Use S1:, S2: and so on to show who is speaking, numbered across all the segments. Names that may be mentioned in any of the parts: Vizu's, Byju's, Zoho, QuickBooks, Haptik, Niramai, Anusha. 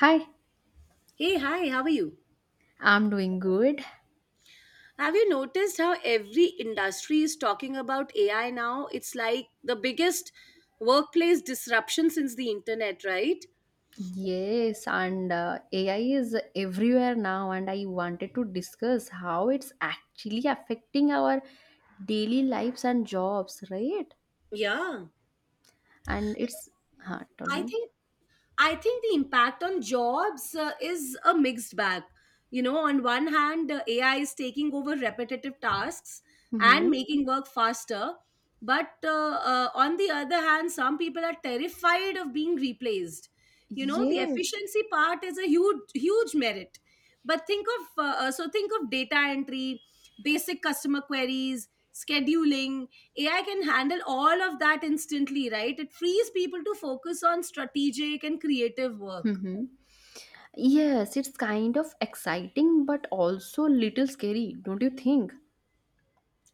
S1: Hi,
S2: Hey, hi, how are you?
S1: I'm doing good.
S2: Have you noticed how every industry is talking about AI now? It's like the biggest workplace disruption since the internet, right?
S1: Yes, and AI is everywhere now, and I wanted to discuss how it's actually affecting our daily lives and jobs, right?
S2: Yeah,
S1: And tell
S2: I
S1: me.
S2: think I think the impact on jobs is a mixed bag. You know, on one hand, AI is taking over repetitive tasks and
S1: Mm-hmm.
S2: making work faster. But on the other hand, some people are terrified of being replaced. You know, the
S1: Yes.
S2: efficiency part is a huge, huge merit. But so think of data entry, basic customer queries, scheduling, AI can handle all of that instantly, right? It frees people to focus on strategic and creative work.
S1: Mm-hmm. Yes, it's kind of exciting, but also little scary, don't you think?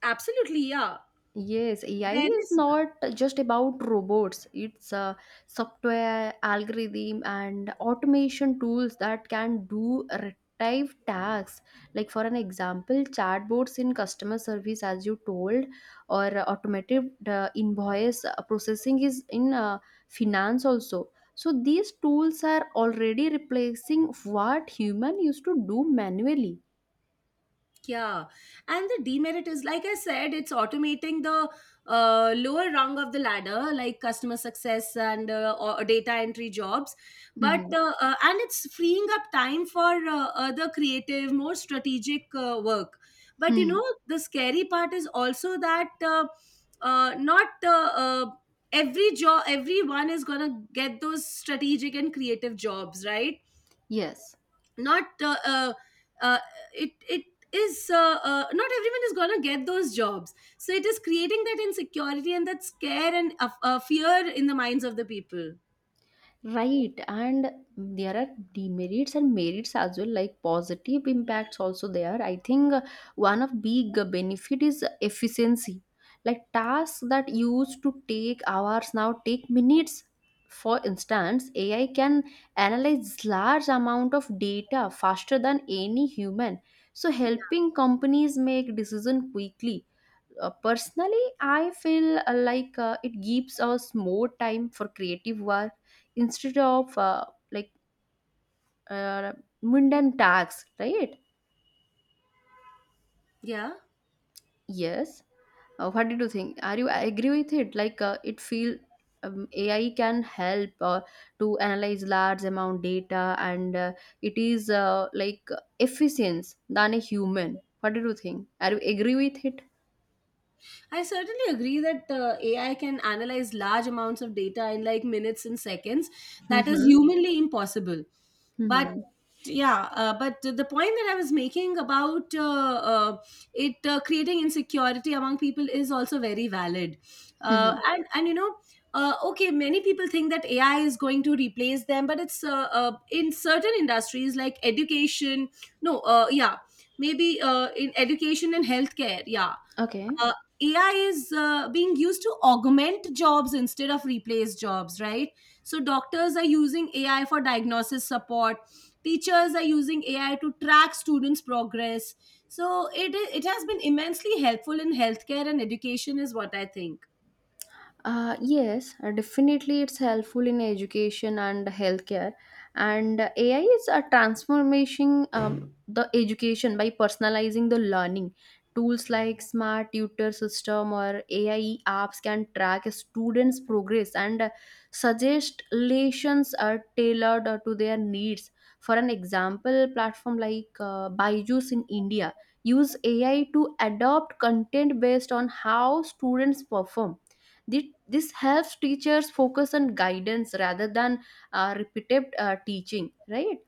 S2: Absolutely, yeah.
S1: Yes, AI
S2: There
S1: is
S2: is.
S1: not just about robots. It's software, algorithm, and automation tools that can do repetitive tasks. Like for an example, chatbots in customer service, as you told, or automated invoice processing is in finance also. So these tools are already replacing what human used to do manually.
S2: Yeah. And the demerit is, like I said, it's automating the lower rung of the ladder, like customer success and or data entry jobs. But,
S1: Hmm.
S2: uh, uh, and it's freeing up time for other creative, more strategic work. But, you
S1: Hmm.
S2: know, the scary part is also that not every job, everyone is going to get those strategic and creative jobs, right?
S1: Yes.
S2: not uh, it it is Not everyone is going to get those jobs, so it is creating that insecurity and that scare and fear in the minds of the people.
S1: Right, and there are demerits and merits as well, like positive impacts also there. I think one of big benefit is efficiency. Like tasks that used to take hours now take minutes. For instance, AI can analyze large amount of data faster than any human, so helping companies make decision quickly. Personally, I feel it gives us more time for creative work instead of like uh, mundane tasks, right?
S2: Yeah,
S1: Yes. What did you think? Are you agree with it? Like it feel AI can help to analyze large amount data and it is like efficient than a human. What did you think? Are you agree with it?
S2: I certainly agree that AI can analyze large amounts of data in like minutes and seconds. That is
S1: Mm-hmm.
S2: humanly impossible. But
S1: Mm-hmm.
S2: yeah, but the point that I was making about it creating insecurity among people is also very valid.
S1: Mm-hmm.
S2: And you know. Okay, many people think that AI is going to replace them, but it's in certain industries like education. No, yeah, maybe in education and healthcare. Yeah,
S1: Okay.
S2: uh, AI is being used to augment jobs instead of replace jobs, right? So doctors are using AI for diagnosis support. Teachers are using AI to track students' progress. So it has been immensely helpful in healthcare and education, is what I think.
S1: Yes, definitely it's helpful in education and healthcare. And AI is a transformation the education by personalizing the learning. Tools like smart tutor system or AI apps can track a students' progress and suggest lessons are tailored to their needs. For an example, platform like Byju's in India use AI to adopt content based on how students perform. This helps teachers focus on guidance rather than repetitive teaching, right?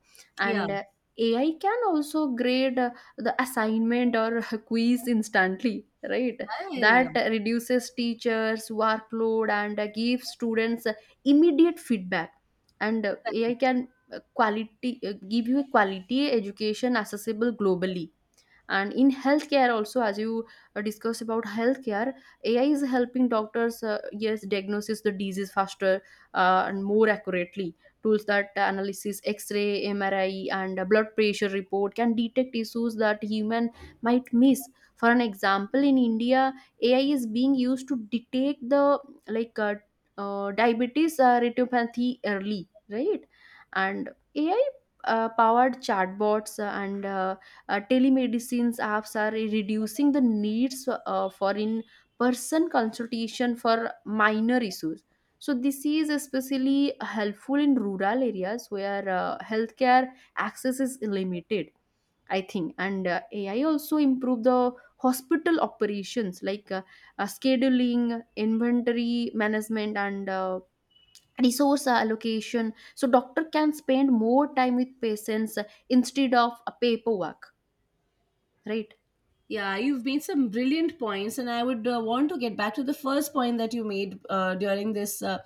S2: Yeah,
S1: And AI can also grade the assignment or quiz instantly, right?
S2: yeah, yeah.
S1: That reduces teachers' workload and gives students immediate feedback. And AI can quality give you a quality education accessible globally, and in healthcare also, as you discussed about healthcare. AI is helping doctors, yes, diagnosis the disease faster and more accurately. Tools that analysis x-ray, MRI, and blood pressure report can detect issues that human might miss. For an example, in India, AI is being used to detect the like uh, diabetes retinopathy early, right? And AI powered chatbots and telemedicine apps are reducing the needs for in-person consultation for minor issues. So this is especially helpful in rural areas where healthcare access is limited, I think. And AI also improve the hospital operations like scheduling, inventory management, and resource allocation. So doctor can spend more time with patients instead of a paperwork, right?
S2: Yeah, yeah, you've made some brilliant points, and I would want to get back to the first point that you made uh, during this uh,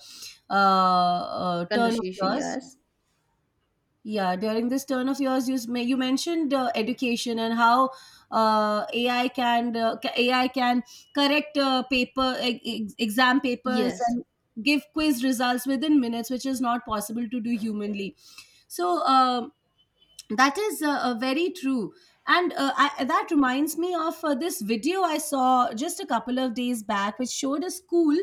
S2: uh, uh, turn of
S1: Conversation,
S2: yours.
S1: yes.
S2: Yeah, during this turn of yours, you you mentioned education and how AI can correct exam papers
S1: Yes.
S2: and give quiz results within minutes, which is not possible to do humanly. So, that is very true. And that reminds me of this video I saw just a couple of days back, which showed a school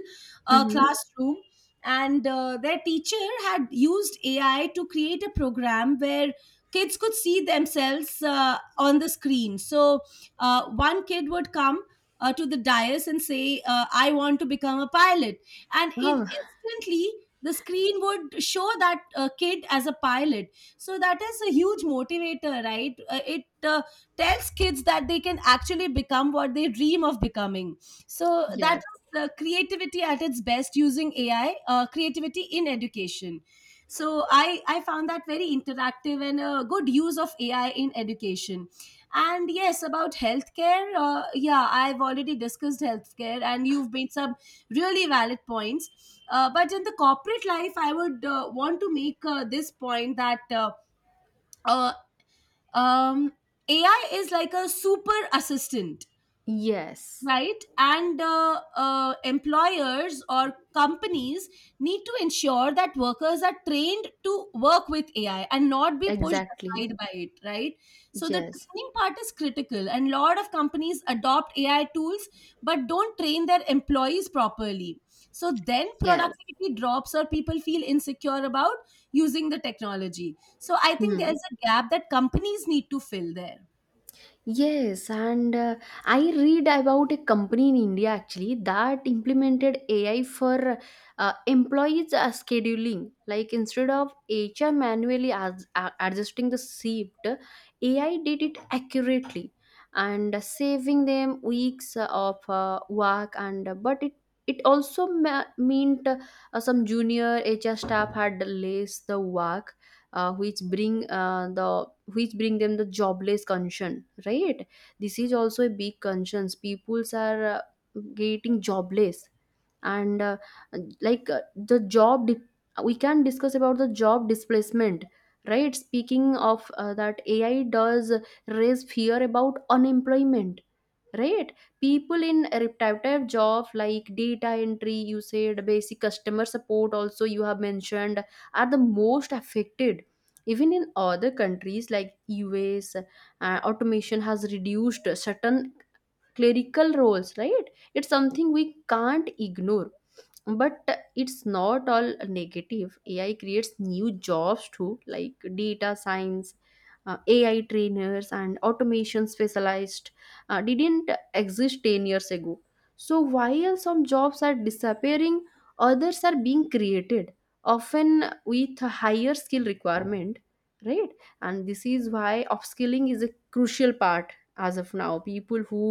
S1: Mm-hmm.
S2: classroom. And their teacher had used AI to create a program where kids could see themselves on the screen. So one kid would come to the dais and say, I want to become a pilot. And
S1: Oh,
S2: instantly, the screen would show that kid as a pilot. So that is a huge motivator, right? It tells kids that they can actually become what they dream of becoming. So that
S1: yes.
S2: is creativity at its best, using AI, creativity in education. So I found that very interactive and a good use of AI in education. And yes, about healthcare, yeah, I've already discussed healthcare and you've made some really valid points. But in the corporate life, I would want to make this point that uh, um, AI is like a super assistant,
S1: Yes.
S2: right? And employers or companies need to ensure that workers are trained to work with AI and not be pushed
S1: Exactly.
S2: aside by it, right? So the
S1: Yes.
S2: training part is critical, and a lot of companies adopt AI tools but don't train their employees properly. So then
S1: Yes.
S2: productivity drops or people feel insecure about using the technology. So I think
S1: Hmm.
S2: there's a gap that companies need to fill there.
S1: Yes, and I read about a company in India actually that implemented AI for employees scheduling. Like instead of HR manually adjusting the shift, AI did it accurately and saving them weeks of work. And but it also meant some junior HR staff had less the work, which bring them the jobless concern, right? This is also a big concerns. Peoples are getting jobless. And like uh, the job di- we can discuss about the job displacement, right? Speaking of that, AI does raise fear about unemployment, right? People in repetitive job like data entry, you said, basic customer support also you have mentioned, are the most affected. Even in other countries like US, automation has reduced certain clerical roles, right? It's something we can't ignore, but it's not all negative. AI creates new jobs too, like data science, AI trainers, and automation specialized didn't exist 10 years ago. So while some jobs are disappearing, others are being created, often with a higher skill requirement, right? And this is why upskilling is a crucial part as of now. People who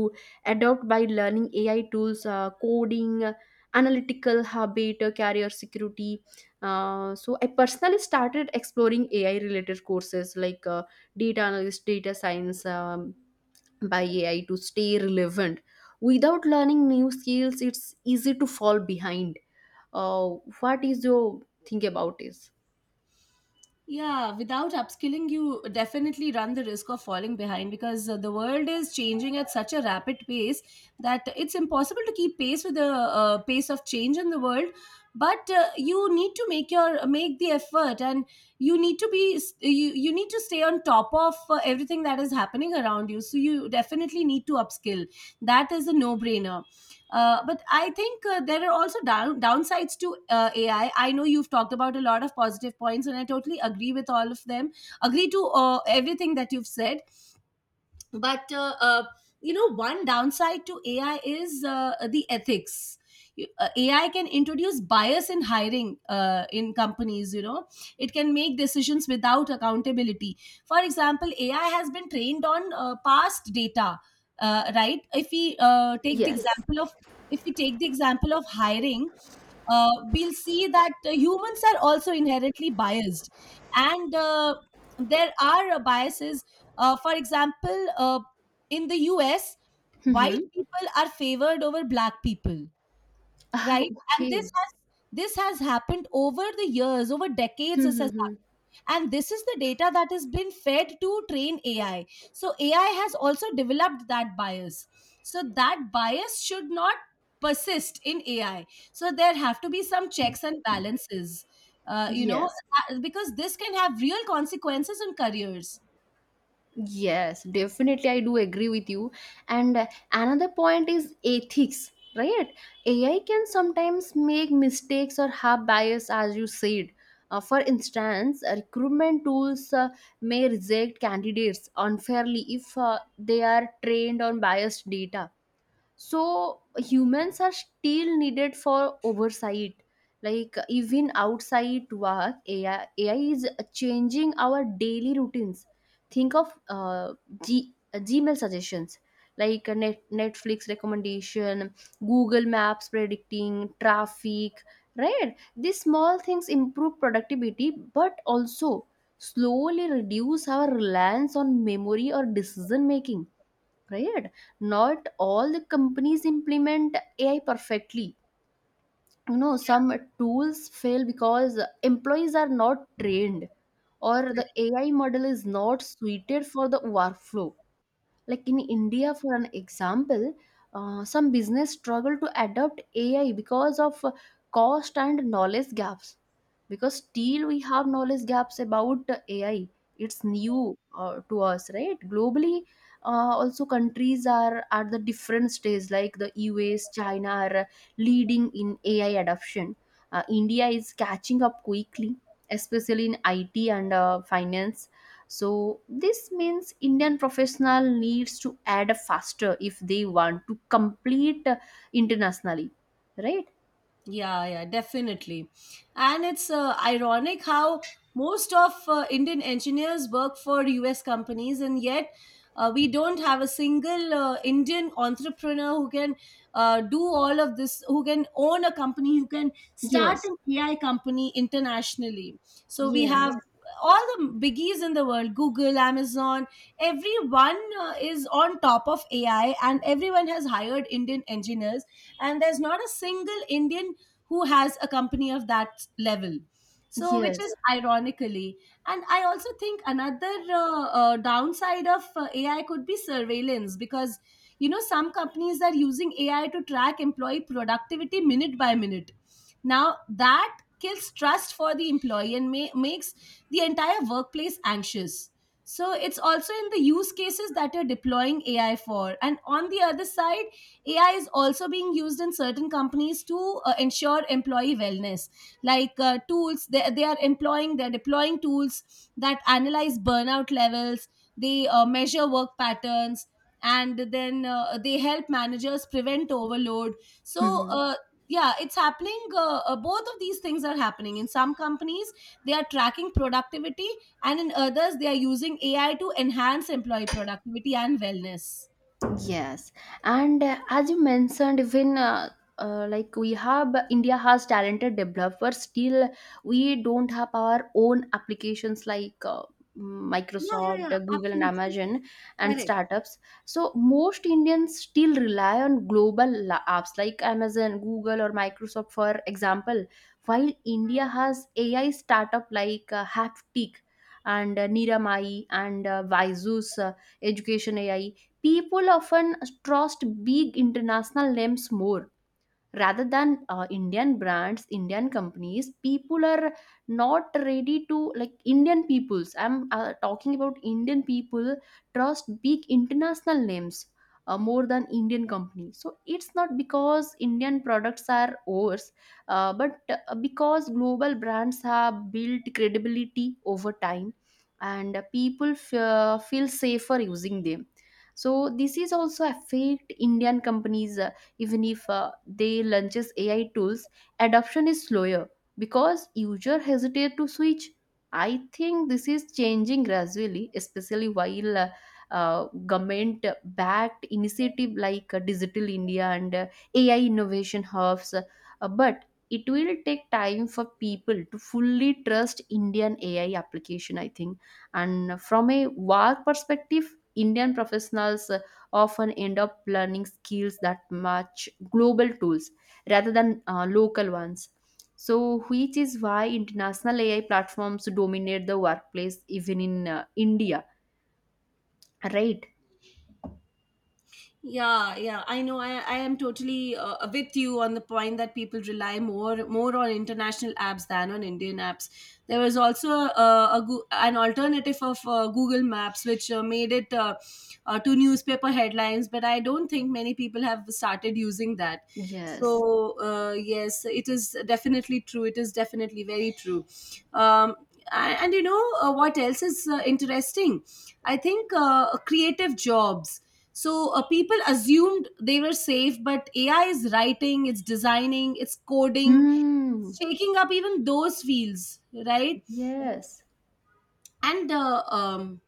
S1: adopt by learning AI tools, coding, analytical habit, career security. So I personally started exploring AI related courses like data analyst, data science, by AI to stay relevant. Without learning new skills, it's easy to fall behind. Uh, what is your think about this?
S2: Yeah, without upskilling, you definitely run the risk of falling behind, because the world is changing at such a rapid pace that it's impossible to keep pace with the pace of change in the world. But you need to make the effort, and you need to stay on top of everything that is happening around you. So you definitely need to upskill. That is a no brainer. But I think there are also downsides to AI. I know you've talked about a lot of positive points, and I totally agree with all of them. Agree to everything that you've said. But You know, one downside to AI is the ethics. AI can introduce bias in hiring, in companies, you know. It can make decisions without accountability. For example, AI has been trained on past data, right? if we take the
S1: Yes.
S2: example of If we take the example of hiring, we'll see that humans are also inherently biased. And there are biases. For example, in the US,
S1: Mm-hmm.
S2: white people are favored over black people, right? And
S1: okay.
S2: this has happened over the years, over decades. This has
S1: Mm-hmm.
S2: And this is the data that has been fed to train AI, so AI has also developed that bias. So that bias should not persist in AI. So there have to be some checks and balances. You know,
S1: Yes.
S2: because this can have real consequences on careers.
S1: Yes, definitely, I do agree with you. And another point is ethics, right? AI can sometimes make mistakes or have bias, as you said. For instance, recruitment tools may reject candidates unfairly if they are trained on biased data, so humans are still needed for oversight. Like even outside AI is changing our daily routines. Think of gmail suggestions, like Netflix recommendation, Google Maps predicting traffic, right? These small things improve productivity but also slowly reduce our reliance on memory or decision making, right? Not all the companies implement AI perfectly. You know, some tools fail because employees are not trained, or the AI model is not suited for the workflow. Like in India, for an example, some business struggle to adopt AI because of cost and knowledge gaps, because still we have knowledge gaps about AI. It's new to us, right? Globally, also, countries are at the different stage. Like the US, China are leading in AI adoption. India is catching up quickly, especially in IT and finance. So this means Indian professional needs to add faster if they want to complete internationally, right?
S2: Yeah, yeah, definitely. And it's ironic how most of Indian engineers work for US companies, and yet we don't have a single Indian entrepreneur who can do all of this, who can own a company, who can start
S1: Yes,
S2: an AI company internationally. So we have
S1: yes,
S2: yeah, all the biggies in the world: Google, Amazon, everyone is on top of AI, and everyone has hired Indian engineers, and there's not a single Indian who has a company of that level. So which
S1: yes.
S2: is ironically. And I also think another downside of AI could be surveillance, because you know, some companies are using AI to track employee productivity minute by minute. Now that kills trust for the employee and makes the entire workplace anxious. So it's also in the use cases that you're deploying AI for. And on the other side, AI is also being used in certain companies to ensure employee wellness, like tools. They're deploying tools that analyze burnout levels, they measure work patterns, and then they help managers prevent overload. So,
S1: Mhm.
S2: yeah, it's happening. Both of these things are happening. In some companies, they are tracking productivity, and in others, they are using AI to enhance employee productivity and wellness.
S1: Yes, and as you mentioned, even like we have India has talented developers, still we don't have our own applications like
S2: Yeah, yeah,
S1: Microsoft,
S2: yeah,
S1: Google, and
S2: absolutely.
S1: Amazon, and
S2: Correct.
S1: startups. So most Indians still rely on global apps like Amazon, Google, or Microsoft, for example. While India has AI startup like Haptik and Niramai and Vizu's Education AI, people often trust big international names more rather than Indian brands, Indian companies. People are not ready to like Indian peoples. I'm talking about Indian people trust big international names more than Indian companies. So it's not because Indian products are worse, but because global brands have built credibility over time, and people feel safer using them. So this is also affect Indian companies, even if they launches AI tools, adoption is slower because user hesitate to switch. I think this is changing gradually, especially while uh, government backed initiative like Digital India and AI innovation hubs, but it will take time for people to fully trust Indian AI application, I think. And from a work perspective, Indian professionals often end up learning skills that match global tools rather than local ones. So which is why international AI platforms dominate the workplace even in India, right?
S2: Yeah, yeah, I know. I am totally with you on the point that people rely more on international apps than on Indian apps. There was also an alternative of Google Maps, which made it to newspaper headlines, but I don't think many people have started using that.
S1: Yes.
S2: So yes, it is definitely true. It is definitely very true. Um, and you know, what else is interesting? I think creative jobs. So people assumed they were safe, but AI is writing, it's designing, it's coding,
S1: Hmm.
S2: it's taking up even those fields, right?
S1: Yes.
S2: And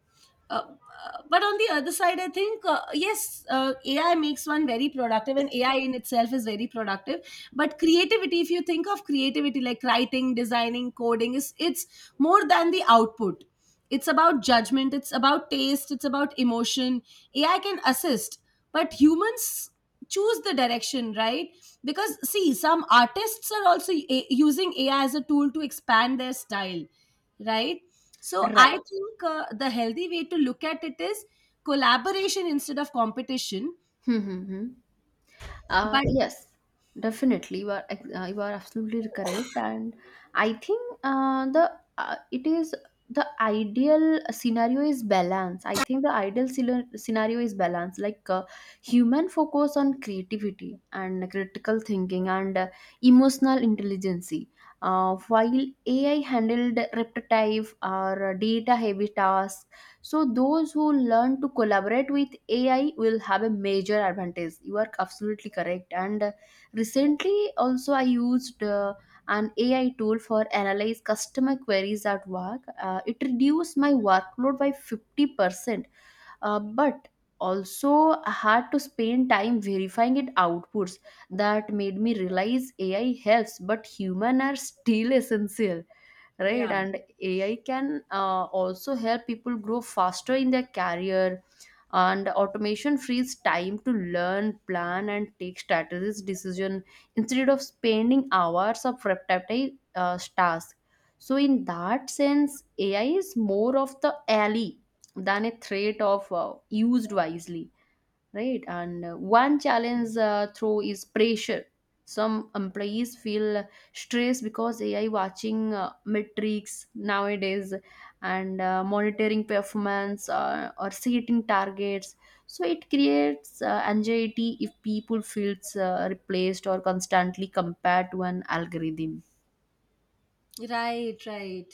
S2: uh, but on the other side, I think yes, AI makes one very productive, and AI in itself is very productive. But creativity, if you think of creativity like writing, designing, coding, is it's more than the output. It's about judgment. It's about taste. It's about emotion. AI can assist, but humans choose the direction, right? Because see, some artists are also using AI as a tool to expand their style, right? So I
S1: Right.
S2: think the healthy way to look at it is collaboration instead of competition.
S1: Hmm. Hmm, hmm.
S2: But
S1: Yes, definitely. You are absolutely correct, and I think the it is the ideal scenario is balance. I think the scenario is balance, like human focus on creativity and critical thinking and emotional intelligence. While AI handled repetitive or data heavy tasks, so those who learn to collaborate with AI will have a major advantage. You are absolutely correct. And recently, also I used an AI tool for analyze customer queries at work. It reduced my workload by 50%, but also I had to spend time verifying its outputs. That made me realize AI helps, but human are still essential, right?
S2: yeah,
S1: And AI can also help people grow faster in their career, and automation frees time to learn, plan, and take strategies decision instead of spending hours of repetitive tasks. So in that sense, AI is more of the ally than a threat of used wisely, right? And one challenge through is pressure. Some employees feel stressed because AI watching metrics nowadays and monitoring performance or setting targets. So it creates anxiety if people feels replaced or constantly compared to an algorithm.
S2: right, right.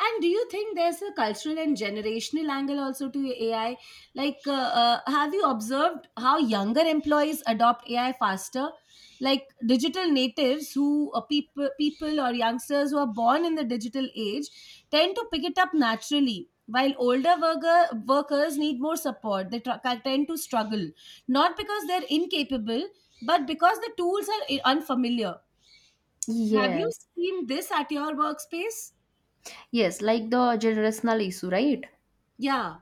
S2: And do you think there's a cultural and generational angle also to AI? Like, have you observed how younger employees adopt AI faster? Like digital natives, who people or youngsters who are born in the digital age, tend to pick it up naturally, while workers need more support. They tend to struggle, not because they're incapable, but because the tools are unfamiliar. Have you
S1: Yes,
S2: seen this at your workspace?
S1: yes, like the generational issue, right?
S2: Yeah,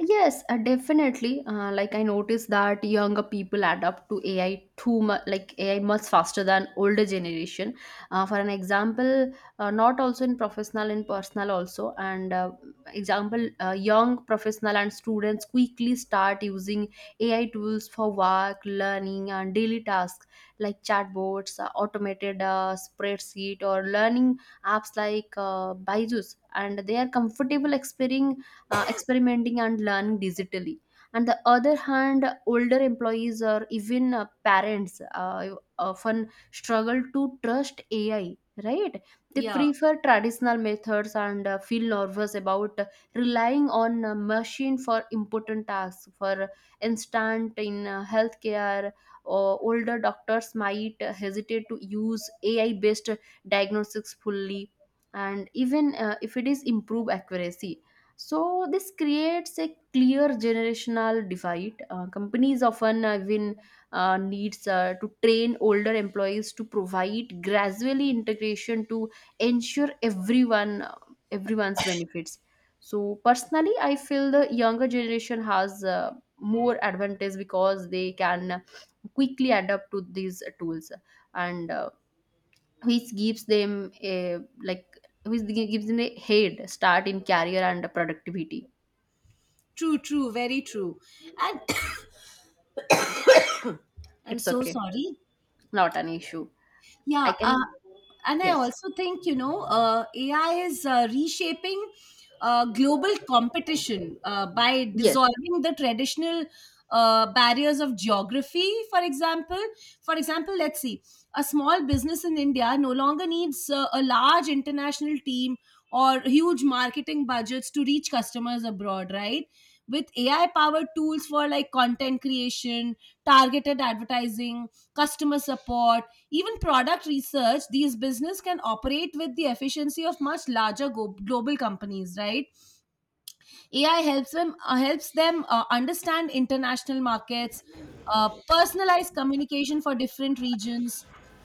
S1: Yes, definitely. Like I noticed that younger people adapt to AI too much, like AI much faster than older generation. For an example, not also in professional and personal also. And example, young professional and students quickly start using AI tools for work, learning, and daily tasks like chatbots, automated spreadsheet, or learning apps like Byju's. And they are comfortable exploring experimenting and learning digitally. On the other hand, older employees or even parents often struggle to trust AI, right? They
S2: yeah.
S1: prefer traditional methods and feel nervous about relying on a machine for important tasks. For instance, in healthcare, or older doctors might hesitate to use AI based diagnostics fully and even if it is improve accuracy. So this creates a clear generational divide. Companies often even needs to train older employees to provide gradually integration to ensure everyone's benefits. So personally, I feel the younger generation has more advantage because they can quickly adapt to these tools and which gives them a like gives them a head start in career and productivity.
S2: True, true, very true. And I'm
S1: It's
S2: so
S1: okay,
S2: sorry.
S1: not an issue. I
S2: Yeah,
S1: can.
S2: and I
S1: Yes,
S2: also think AI is reshaping global competition by
S1: yes.
S2: dissolving the traditional barriers of geography. For example, let's see, a small business in India no longer needs a large international team or huge marketing budgets to reach customers abroad, right? With AI powered tools for like content creation, targeted advertising, customer support, even product research, these business can operate with the efficiency of much larger global companies, right? AI helps them, understand international markets, personalize communication for different regions,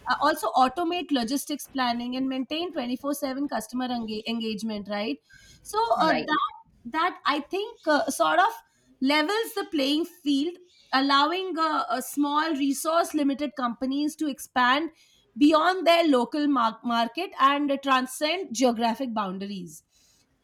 S2: also automate logistics planning and maintain 24/7 customer engagement, right? So
S1: Right,
S2: that I think sort of levels the playing field, allowing a small resource limited companies to expand beyond their local market and transcend geographic boundaries.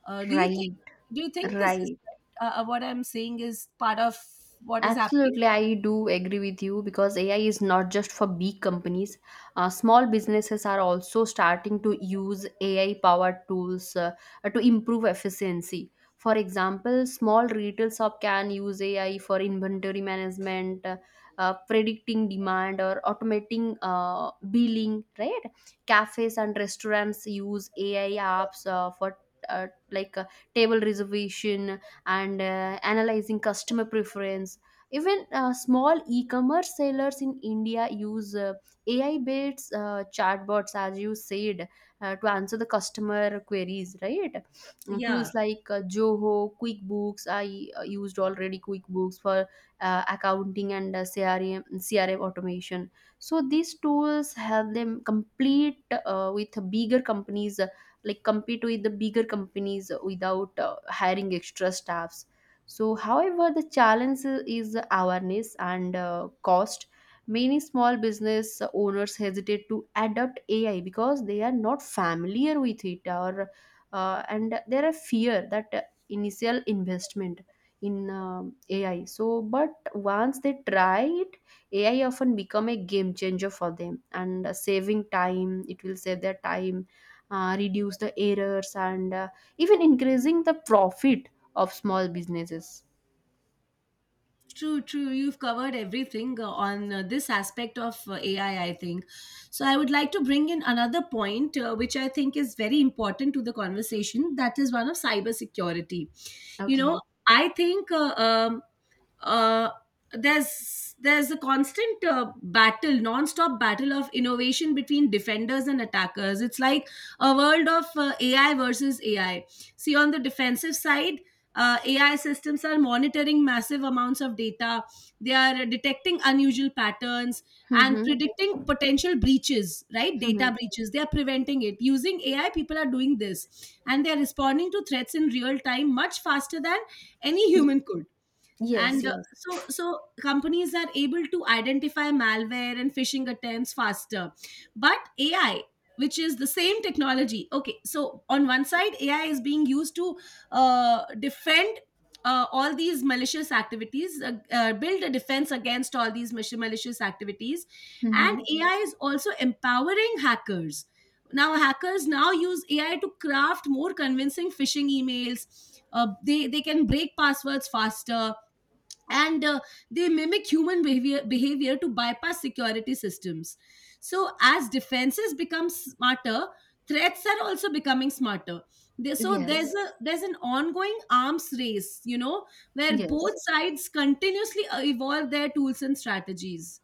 S2: Uh, do you think
S1: right,
S2: do you think this is
S1: right.
S2: right? What I'm saying is part of what is happening?
S1: Absolutely, I do agree with you because AI is not just for big companies. Small businesses are also starting to use AI powered tools to improve efficiency. For example, small retail shop can use AI for inventory management, predicting demand, or automating billing. Right? Cafes and restaurants use AI apps for uh, like uh, table reservation and analyzing customer preference. Even small e-commerce sellers in India use AI-based chatbots, as you said, to answer the customer queries, right? Mm,
S2: Yeah,
S1: tools like Zoho, QuickBooks. I used already QuickBooks for accounting and CRM automation. So these tools help them complete with bigger companies, compete with the bigger companies without hiring extra staffs. So, however, the challenge is awareness and cost. Many small business owners hesitate to adopt AI because they are not familiar with it, or and there are fear that initial investment in AI. So, but once they try it, AI often become a game changer for them and saving time. It will save their time, reduce the errors, and even increasing the profit of small businesses.
S2: true, true. You've covered everything on this aspect of AI, I think. So, I would like to bring in another point, which I think is very important to the conversation. That is one of cybersecurity. You
S1: Okay.
S2: know, I think uh, there's a constant battle, non-stop battle of innovation between defenders and attackers. It's like a world of AI versus AI. See, on the defensive side, AI systems are monitoring massive amounts of data. They are detecting unusual patterns and
S1: Mm-hmm.
S2: predicting potential breaches, right?
S1: Mm-hmm.
S2: Data breaches. They are preventing it. Using AI, people are doing this and they are responding to threats in real time much faster than any human could,
S1: Yes,
S2: and uh,
S1: yes.
S2: so so companies are able to identify malware and phishing attempts faster. But AI, which is the same technology, okay, so on one side AI is being used to defend, all these malicious activities build a defense against all these malicious activities, and
S1: Mm-hmm.
S2: AI is also empowering hackers. Now Hackers now use AI to craft more convincing phishing emails. They can break passwords faster, and they mimic human behavior to bypass security systems. So, as defenses become smarter, threats are also becoming smarter. So there's
S1: Yes.
S2: a there's an ongoing arms race, you know, where both
S1: Yes.
S2: sides continuously evolve their tools and strategies.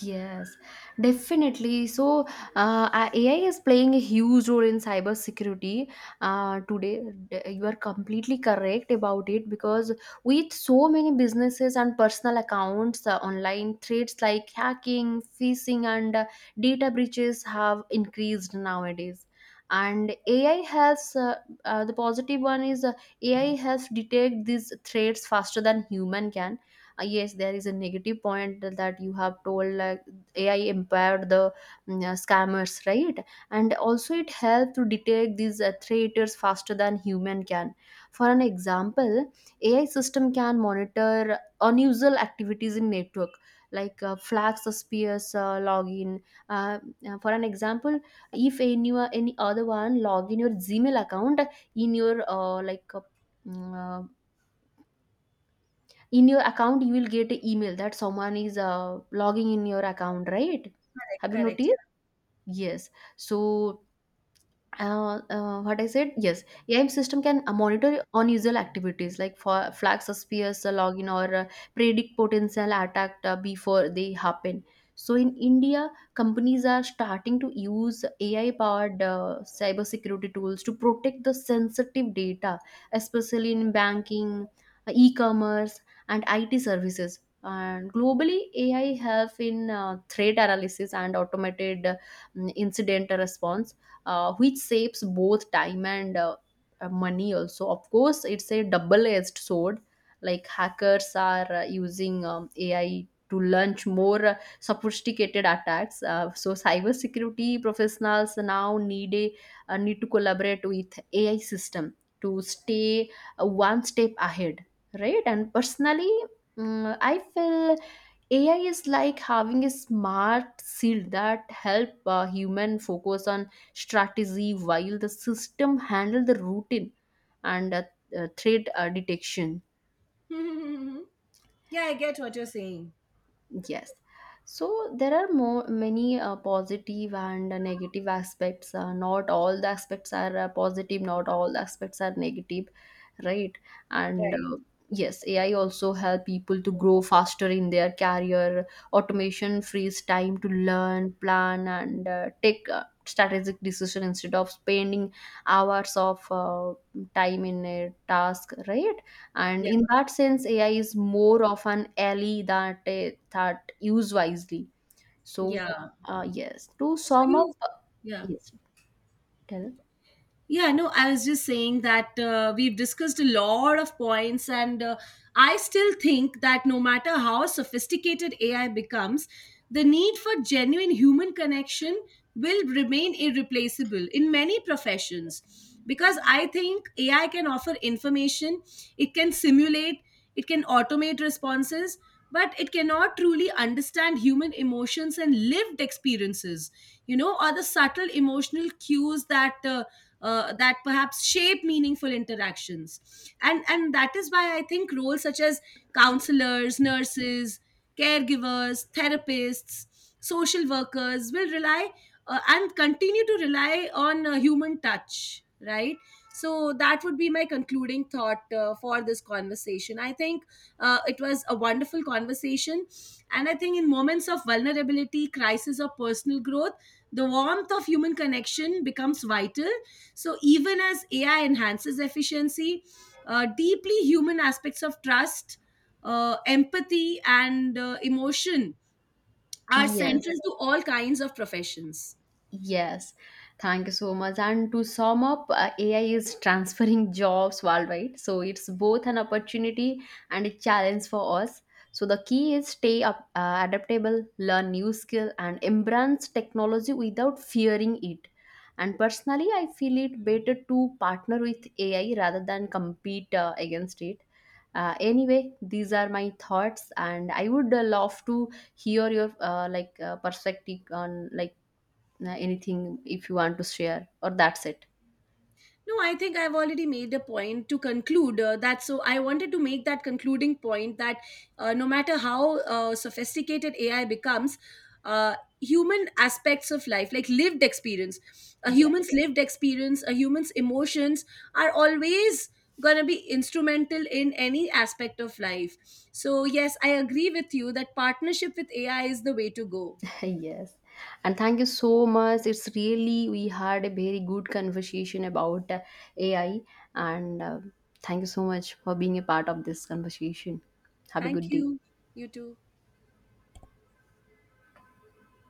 S1: Yes, definitely. So, AI is playing a huge role in cybersecurity today. D- You are completely correct about it because with so many businesses and personal accounts, online threats like hacking, phishing, and data breaches have increased nowadays. And AI helps. The positive one is AI helps detect these threats faster than human can. Yes, there is a negative point that you have told, like AI empowered the scammers, right? And also it helped to detect these traitors faster than human can. For an example, AI system can monitor unusual activities in network, like flag suspicious login. uh, for an example, if any other one log in your Gmail account, in your mm, uh, in your account you will get an email that someone is logging in your account, right? Have you
S2: Correct.
S1: noticed? Yes. So what I said, yes, AIM system can monitor unusual activities like for flag suspicious login or predict potential attack before they happen. So in India, companies are starting to use AI-powered cybersecurity tools to protect the sensitive data, especially in banking, e-commerce, and IT services. And globally, AI help in threat analysis and automated incident response, which saves both time and money also. Of course, it's a double edged sword. Like hackers are using AI to launch more sophisticated attacks. So cybersecurity professionals now need to collaborate with AI system to stay one step ahead, right? And personally, I feel AI is like having a smart shield that help human focus on strategy while the system handle the routine and threat detection.
S2: Yeah. Yeah, yeah, I get what you're saying.
S1: Yes. So there are more many positive and negative aspects. Not all the aspects are positive. Not all the aspects are negative, right? And
S2: Right.
S1: yes, AI also help people to grow faster in their career. Automation frees time to learn, plan, and take strategic decision instead of spending hours of time in a task, right? And
S2: Yeah,
S1: in that sense, AI is more of an ally that that use wisely. So,
S2: yeah.
S1: yes. To
S2: So
S1: sum up,
S2: you, yeah.
S1: yes, tell.
S2: Yeah, no, I was just saying that we've discussed a lot of points, and I still think that no matter how sophisticated AI becomes, the need for genuine human connection will remain irreplaceable in many professions. Because I think AI can offer information, it can simulate, it can automate responses, but it cannot truly understand human emotions and lived experiences, you know, or the subtle emotional cues that that perhaps shape meaningful interactions, and that is why I think roles such as counselors, nurses, caregivers, therapists, social workers will rely, and continue to rely, on human touch, right? So that would be my concluding thought for this conversation. I think it was a wonderful conversation, and I think in moments of vulnerability, crisis, or personal growth, the warmth of human connection becomes vital. So, even as AI enhances efficiency, deeply human aspects of trust, empathy, and emotion are central
S1: Yes.
S2: to all kinds of professions.
S1: Yes, thank you so much. And to sum up, AI is transferring jobs worldwide. So it's both an opportunity and a challenge for us. So the key is stay up, adaptable, learn new skill, and embrace technology without fearing it. And personally, I feel it better to partner with AI rather than compete against it. Anyway, these are my thoughts, and I would love to hear your perspective on anything if you want to share, or that's it.
S2: No, I think I've already made a point to conclude that. So I wanted to make that concluding point that no matter how sophisticated AI becomes, uh, human aspects of life, like lived experience, a human's
S1: Yes.
S2: lived experience, a human's emotions are always going to be instrumental in any aspect of life. So, yes, I agree with you that partnership with AI is the way to go.
S1: Yes, and thank you so much. It's really, we had a very good conversation about AI and thank you so much for being a part of this conversation. Have a
S2: Thank
S1: good day.
S2: you. You too.